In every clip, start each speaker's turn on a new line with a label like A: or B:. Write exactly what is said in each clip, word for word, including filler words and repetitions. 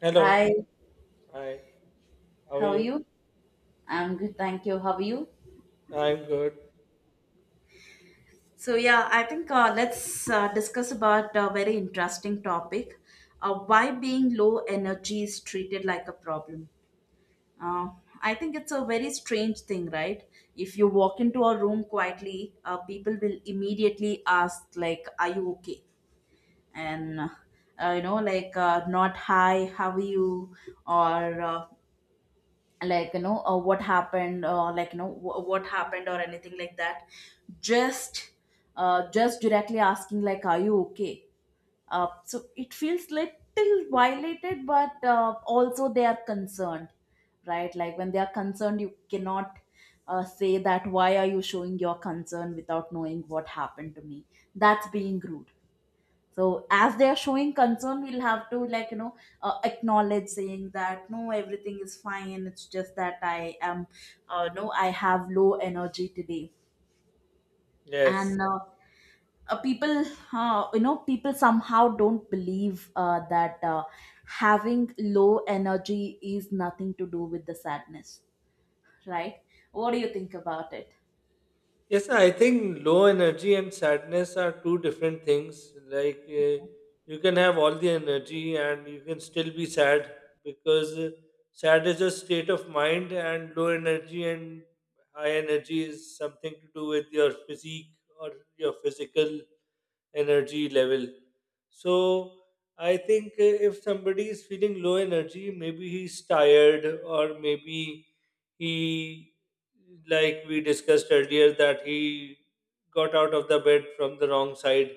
A: Hello.
B: Hi,
A: Hi. How are
B: how are
A: you?
B: you? I'm good, thank you. How are you?
A: I'm good.
B: So yeah, I think uh, let's uh, discuss about a very interesting topic: uh, why being low energy is treated like a problem. Uh, I think it's a very strange thing, right? If you walk into a room quietly, uh, people will immediately ask, like, "Are you okay?" and uh, you know, like, uh, "Not hi, how are you?" or uh, like you know uh, what happened, or like you know wh- what happened or anything like that, just uh, just directly asking like, "Are you okay?" Uh, so it feels little violated, but uh, also they are concerned. Right, like, when they are concerned, you cannot uh, say that, "Why are you showing your concern without knowing what happened to me?" That's being rude. So as they are showing concern, we'll have to, like, you know, uh, acknowledge saying that, "No, everything is fine. It's just that I am uh, no, I have low energy today."
A: Yes.
B: And uh, uh, people uh, you know, people somehow don't believe uh, that uh, having low energy is nothing to do with the sadness, right? What do you think about it?
A: Yes, I think low energy and sadness are two different things. Like, uh, you can have all the energy and you can still be sad because uh, sad is a state of mind, and low energy and high energy is something to do with your physique or your physical energy level. So I think uh, if somebody is feeling low energy, maybe he's tired, or maybe he, like we discussed earlier, that he got out of the bed from the wrong side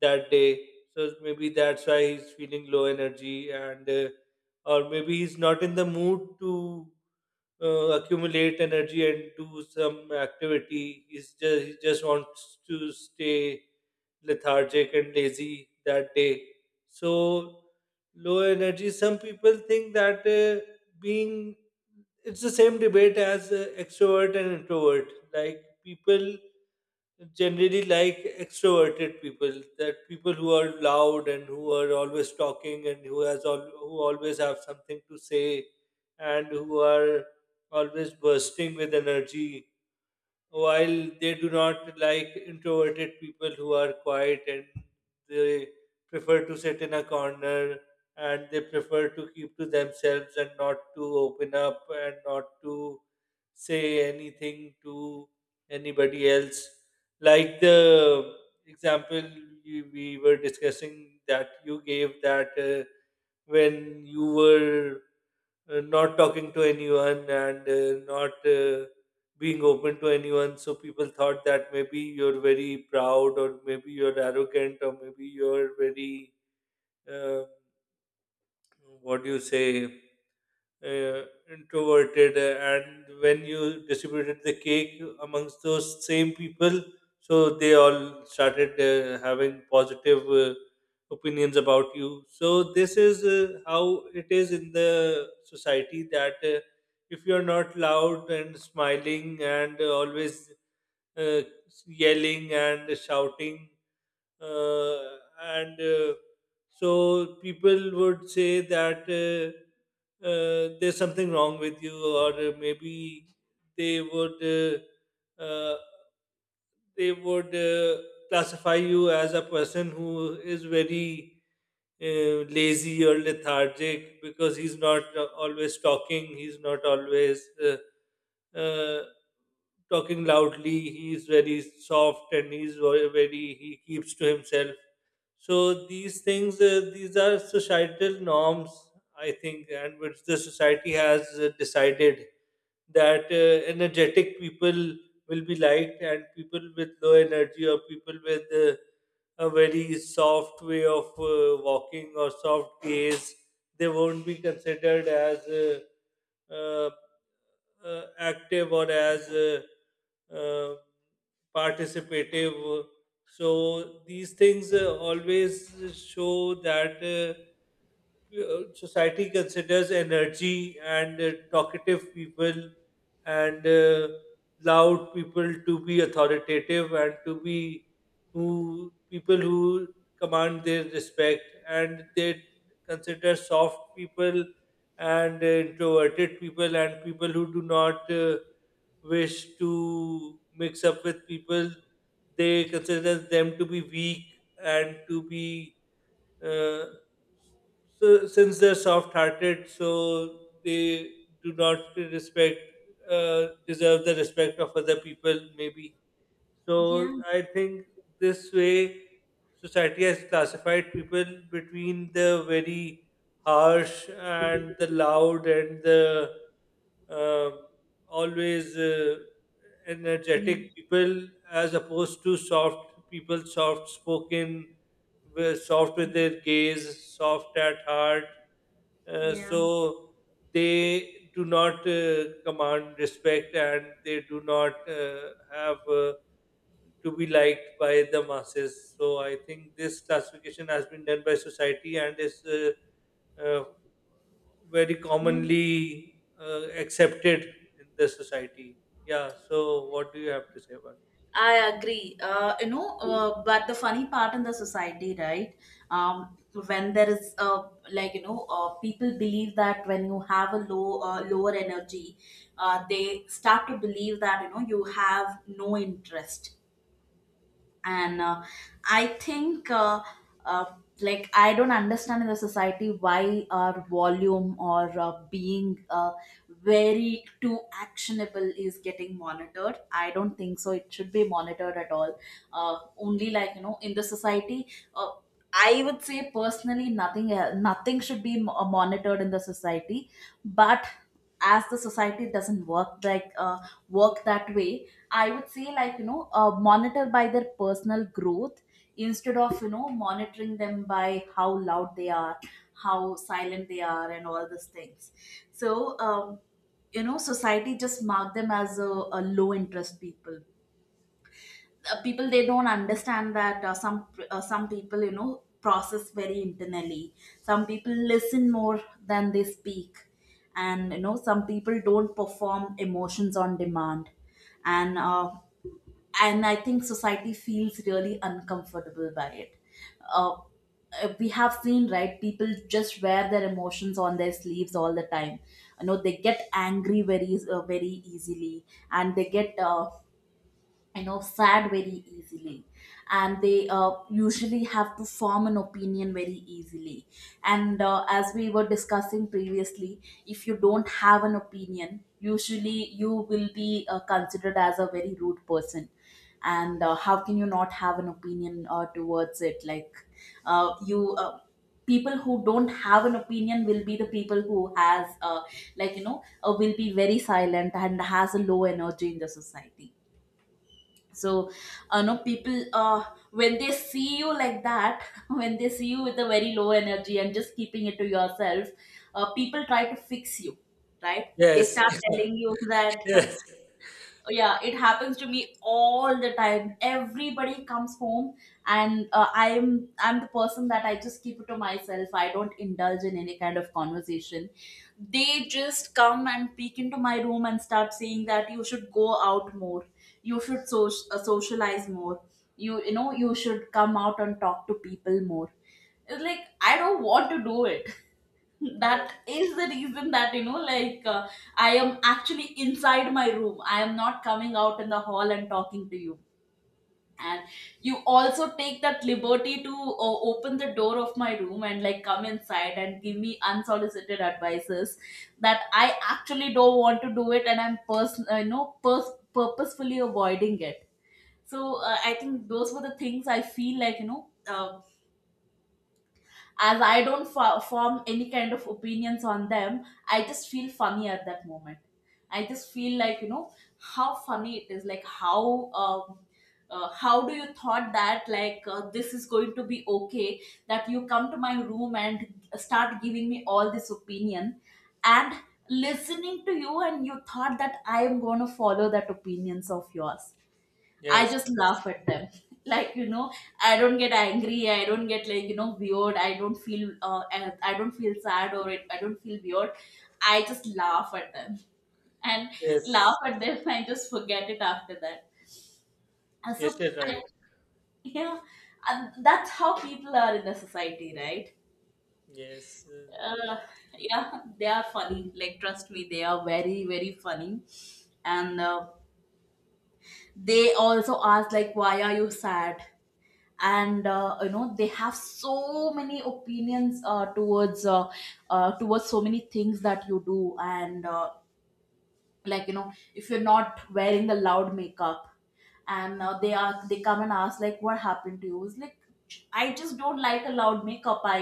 A: that day. So maybe that's why he's feeling low energy, and uh, or maybe he's not in the mood to uh, accumulate energy and do some activity. He's just he just wants to stay lethargic and lazy that day. So low energy. Some people think that uh, being it's the same debate as uh, extrovert and introvert. Like people generally like extroverted people, that people who are loud and who are always talking and who has all who always have something to say and who are always bursting with energy while they do not like introverted people who are quiet and they prefer to sit in a corner and they prefer to keep to themselves and not to open up and not to say anything to anybody else. Like the example you, we were discussing that you gave that uh, when you were uh, not talking to anyone and uh, not uh, being open to anyone. So people thought that maybe you're very proud, or maybe you're arrogant, or maybe you're very uh, what do you say? uh, Introverted uh, and when you distributed the cake amongst those same people so they all started uh, having positive uh, opinions about you, so this is uh, how it is in the society that uh, if you are not loud and smiling and always uh, yelling and shouting uh, and uh, so people would say that uh, uh, there's something wrong with you, or uh, maybe they would uh, uh, they would uh, classify you as a person who is very uh, lazy or lethargic because he's not uh, always talking, he's not always uh, uh, talking loudly, he's very soft and he's ve- very, he keeps to himself. So these things, uh, these are societal norms, I think, and which the society has uh, decided that uh, energetic people will be liked and people with low energy or people with uh, a very soft way of uh, walking or soft gaze, they won't be considered as uh, uh, uh, active or as uh, uh, participative. So these things uh, always show that. Uh, uh, society considers energy and uh, talkative people and uh, loud people to be authoritative and to be who people who command their respect and they consider soft people and uh, introverted people and people who do not uh, wish to mix up with people, they consider them to be weak and to be uh, so since they're soft-hearted, so they do not respect, uh, deserve the respect of other people, maybe. So
B: Yeah.
A: I think this way society has classified people between the very harsh and the loud and the um always uh, energetic
B: Yeah.
A: people as opposed to soft people, soft spoken, wi- soft with their gaze, soft at heart. Uh,
B: Yeah,
A: so they do not uh, command respect and they do not uh, have. Uh, to be liked by the masses. So I think this classification has been done by society and is uh, uh, very commonly uh, accepted in the society. Yeah. So what do you have to say about it?
B: I agree. Uh, you know, uh, but the funny part in the society, right? Um, when there is uh, like, you know, uh, people believe that when you have a low, uh, lower energy, uh, they start to believe that, you know, you have no interest. And uh, i think uh, uh, like, I don't understand, in the society, why our volume or uh, being uh, very too actionable is getting monitored. I don't think so it should be monitored at all. Uh, only, like, you know, in the society, uh, I would say personally nothing, uh, nothing should be mo- monitored in the society. But as the society doesn't work like, uh, work that way, I would say, like, you know, uh, monitor by their personal growth instead of, you know, monitoring them by how loud they are, how silent they are and all these things. So um, you know, society just mark them as a, a low interest people. Uh, people they don't understand that uh, some uh, some people, you know, process very internally. Some people listen more than they speak, and, you know, some people don't perform emotions on demand. And uh, and I think society feels really uncomfortable by it. uh, uh, we have seen, right, people just wear their emotions on their sleeves all the time. You know, they get angry very, uh, very easily, and they get, uh, you know, fad very easily, and they uh, usually have to form an opinion very easily. And uh, as we were discussing previously, if you don't have an opinion, usually you will be uh, considered as a very rude person. And uh, how can you not have an opinion uh, towards it? Like uh, you uh, people who don't have an opinion will be the people who has, uh, like, you know, uh, will be very silent and has a low energy in the society. So uh, no people, uh, when they see you like that when they see you with a very low energy and just keeping it to yourself, uh, people try to fix you, right? They
A: Yes,
B: start telling you that.
A: yes.
B: So yeah, it happens to me all the time. Everybody comes home, and uh, i'm i'm the person that I just keep it to myself. I don't indulge in any kind of conversation. They just come and peek into my room and start saying that, "You should go out more. You should so- uh, socialize more. You you know, you should come out and talk to people more." It's like, I don't want to do it.
A: Yeah.
B: That is the reason that, you know, like, uh, I am actually inside my room. I am not coming out in the hall and talking to you, and you also take that liberty to uh, open the door of my room and, like, come inside and give me unsolicited advices, that I actually don't want to do it, and I'm pers- uh, you know pers- purposefully avoiding it. So uh, I think those were the things. I feel like, you know, uh, as I don't fo- form any kind of opinions on them, I just feel funny at that moment. I just feel like, you know, how funny it is, like, how um, uh, how do you thought that, like, uh, this is going to be okay, that you come to my room and start giving me all this opinion, and listening to you, and you thought that I am going to follow that opinions of yours. I
A: Yes,
B: just laugh at them. Like, you know, I don't get angry. I don't get, like, you know, weird. I don't feel, uh, I I don't feel sad or it, I don't feel weird. I just laugh at them and laugh
A: yes,
B: at them and just forget it after that. And
A: yes,
B: so,
A: you're
B: I,
A: right.
B: yeah, and that's how people are in the society, right?
A: Yes, uh, that
B: Uh,
A: is true.
B: yeah, they are funny. Like, trust me, they are very, very funny. And uh, they also ask, like, why are you sad? And uh, you know, they have so many opinions uh, towards uh, uh, towards so many things that you do. And uh, like, you know, if you're not wearing the loud makeup, and uh, they are, they come and ask, like, "What happened to you?" It's like, I just don't like a loud makeup. i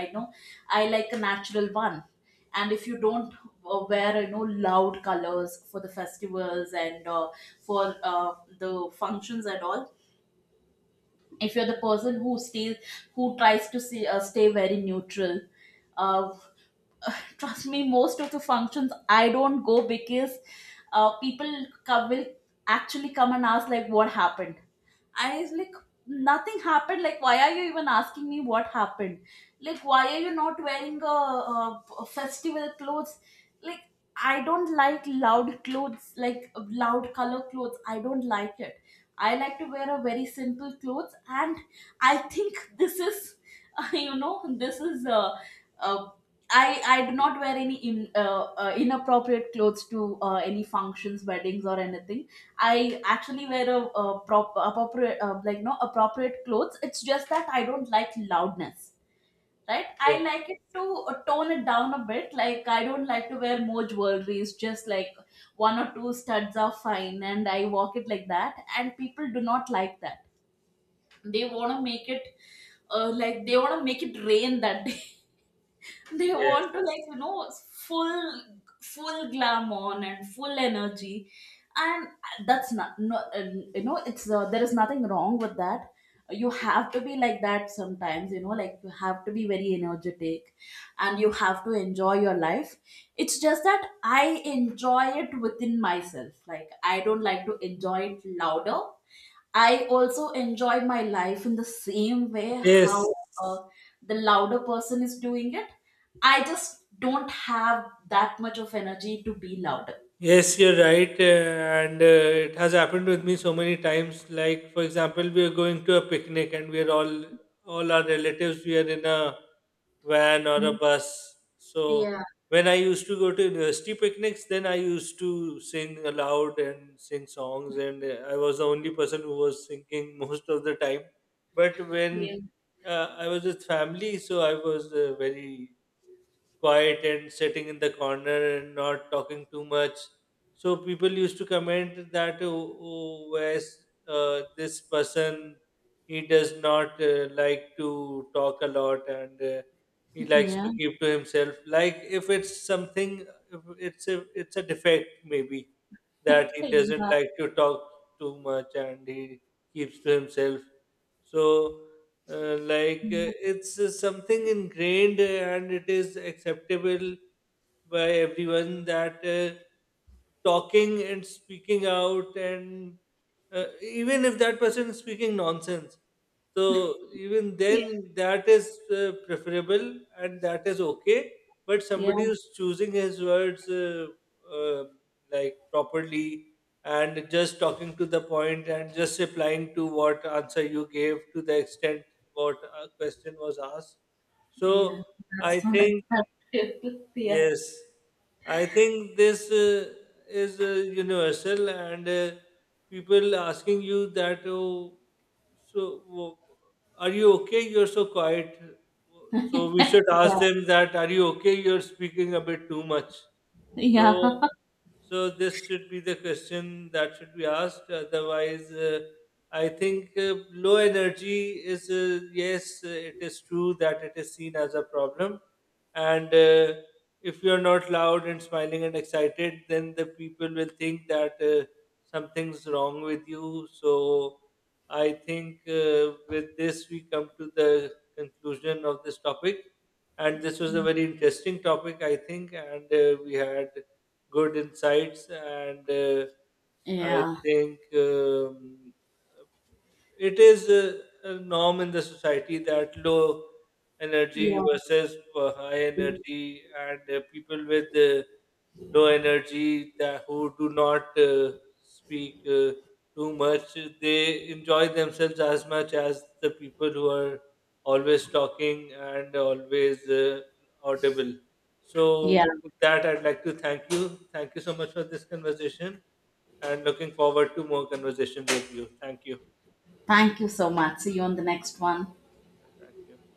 B: i know, I like a natural one. And if you don't uh, wear, you know, loud colors for the festivals and uh, for uh, the functions and all. If you're the person who stays, who tries to see, uh, stay very neutral, uh, trust me, most of the functions I don't go, because uh, people co- will actually come and ask, like, "What happened?" I was like, nothing happened. Like, why are you even asking me what happened? Like, why are you not wearing a, a, a festival clothes? Like, I don't like loud clothes, like loud color clothes. I don't like it. I like to wear a very simple clothes, and I think this is, you know, this is. Uh, uh, I I do not wear any in, uh, uh, inappropriate clothes to uh, any functions, weddings, or anything. I actually wear a, a prop appropriate uh, like, no appropriate clothes. It's just that I don't like loudness, right? I
A: Yeah,
B: like it to uh, tone it down a bit. Like, I don't like to wear more jewelries. Just like one or two studs are fine, and I walk it like that. And people do not like that. They want to make it, uh, like, they want to make it rain that day. They want to,
A: yes,
B: like, you know, full full glamour and full energy. And that's not, no uh, you know, it's, uh, there is nothing wrong with that. You have to be like that sometimes, you know. Like, you have to be very energetic and you have to enjoy your life. It's just that I enjoy it within myself. Like, I don't like to enjoy it louder. I also enjoy my life in the same way
A: yes.
B: how uh, the louder person is doing it. I just don't have that much of energy to be louder.
A: Yes, you're right, uh, and uh, it has happened with me so many times. Like, for example, we are going to a picnic, and we are all all our relatives. We are in a van or a bus. So
B: Yeah.
A: when I used to go to university picnics, then I used to sing aloud and sing songs, and uh, I was the only person who was singing most of the time. But when
B: Yeah.
A: uh, I was with family, so I was uh, very quiet and sitting in the corner and not talking too much. So people used to comment that, oh, oh, where's, uh, this person, he does not uh, like to talk a lot and uh, he likes to
B: Yeah.
A: keep to himself. Like if it's something, if it's a it's a defect maybe that he doesn't
B: Yeah.
A: like to talk too much and he keeps to himself. So uh, like uh, it's uh, something ingrained uh, and it is acceptable by everyone that uh, talking and speaking out and uh, even if that person is speaking nonsense, so even
B: Yeah.
A: then, that is uh, preferable and that is okay. But somebody
B: Yeah.
A: who's choosing his words uh, uh, like properly and just talking to the point and just replying to what answer you gave to the extent what a question was asked. So
B: Yeah.
A: I
B: That's not
A: think.
B: a Yeah.
A: Yes, I think this uh, is uh, universal, and uh, people asking you that, oh, so wo- are you okay? You're so quiet. So we should ask
B: Yeah.
A: them that, are you okay? You're speaking a bit too much.
B: Yeah.
A: So so this should be the question that should be asked. Otherwise, uh, I think uh, low energy is uh, yes, uh, it is true that it is seen as a problem, and uh, if you are not loud and smiling and excited, then the people will think that uh, something's wrong with you. So I think uh, with this we come to the conclusion of this topic, and this was a very interesting topic, I think, and uh, we had good insights and uh, I
B: Yeah.
A: think um, it is uh, a norm in the society that low energy
B: Yeah.
A: versus uh, high energy and uh, people with uh, low energy that who do not uh, speak uh, too much, they enjoy themselves as much as the people who are always talking and always uh, audible. So
B: Yeah.
A: with that I'd like to thank you, thank you so much for this conversation and looking forward to more conversation with you. Thank you.
B: Thank you so much. See you on the next one.
A: Thank you.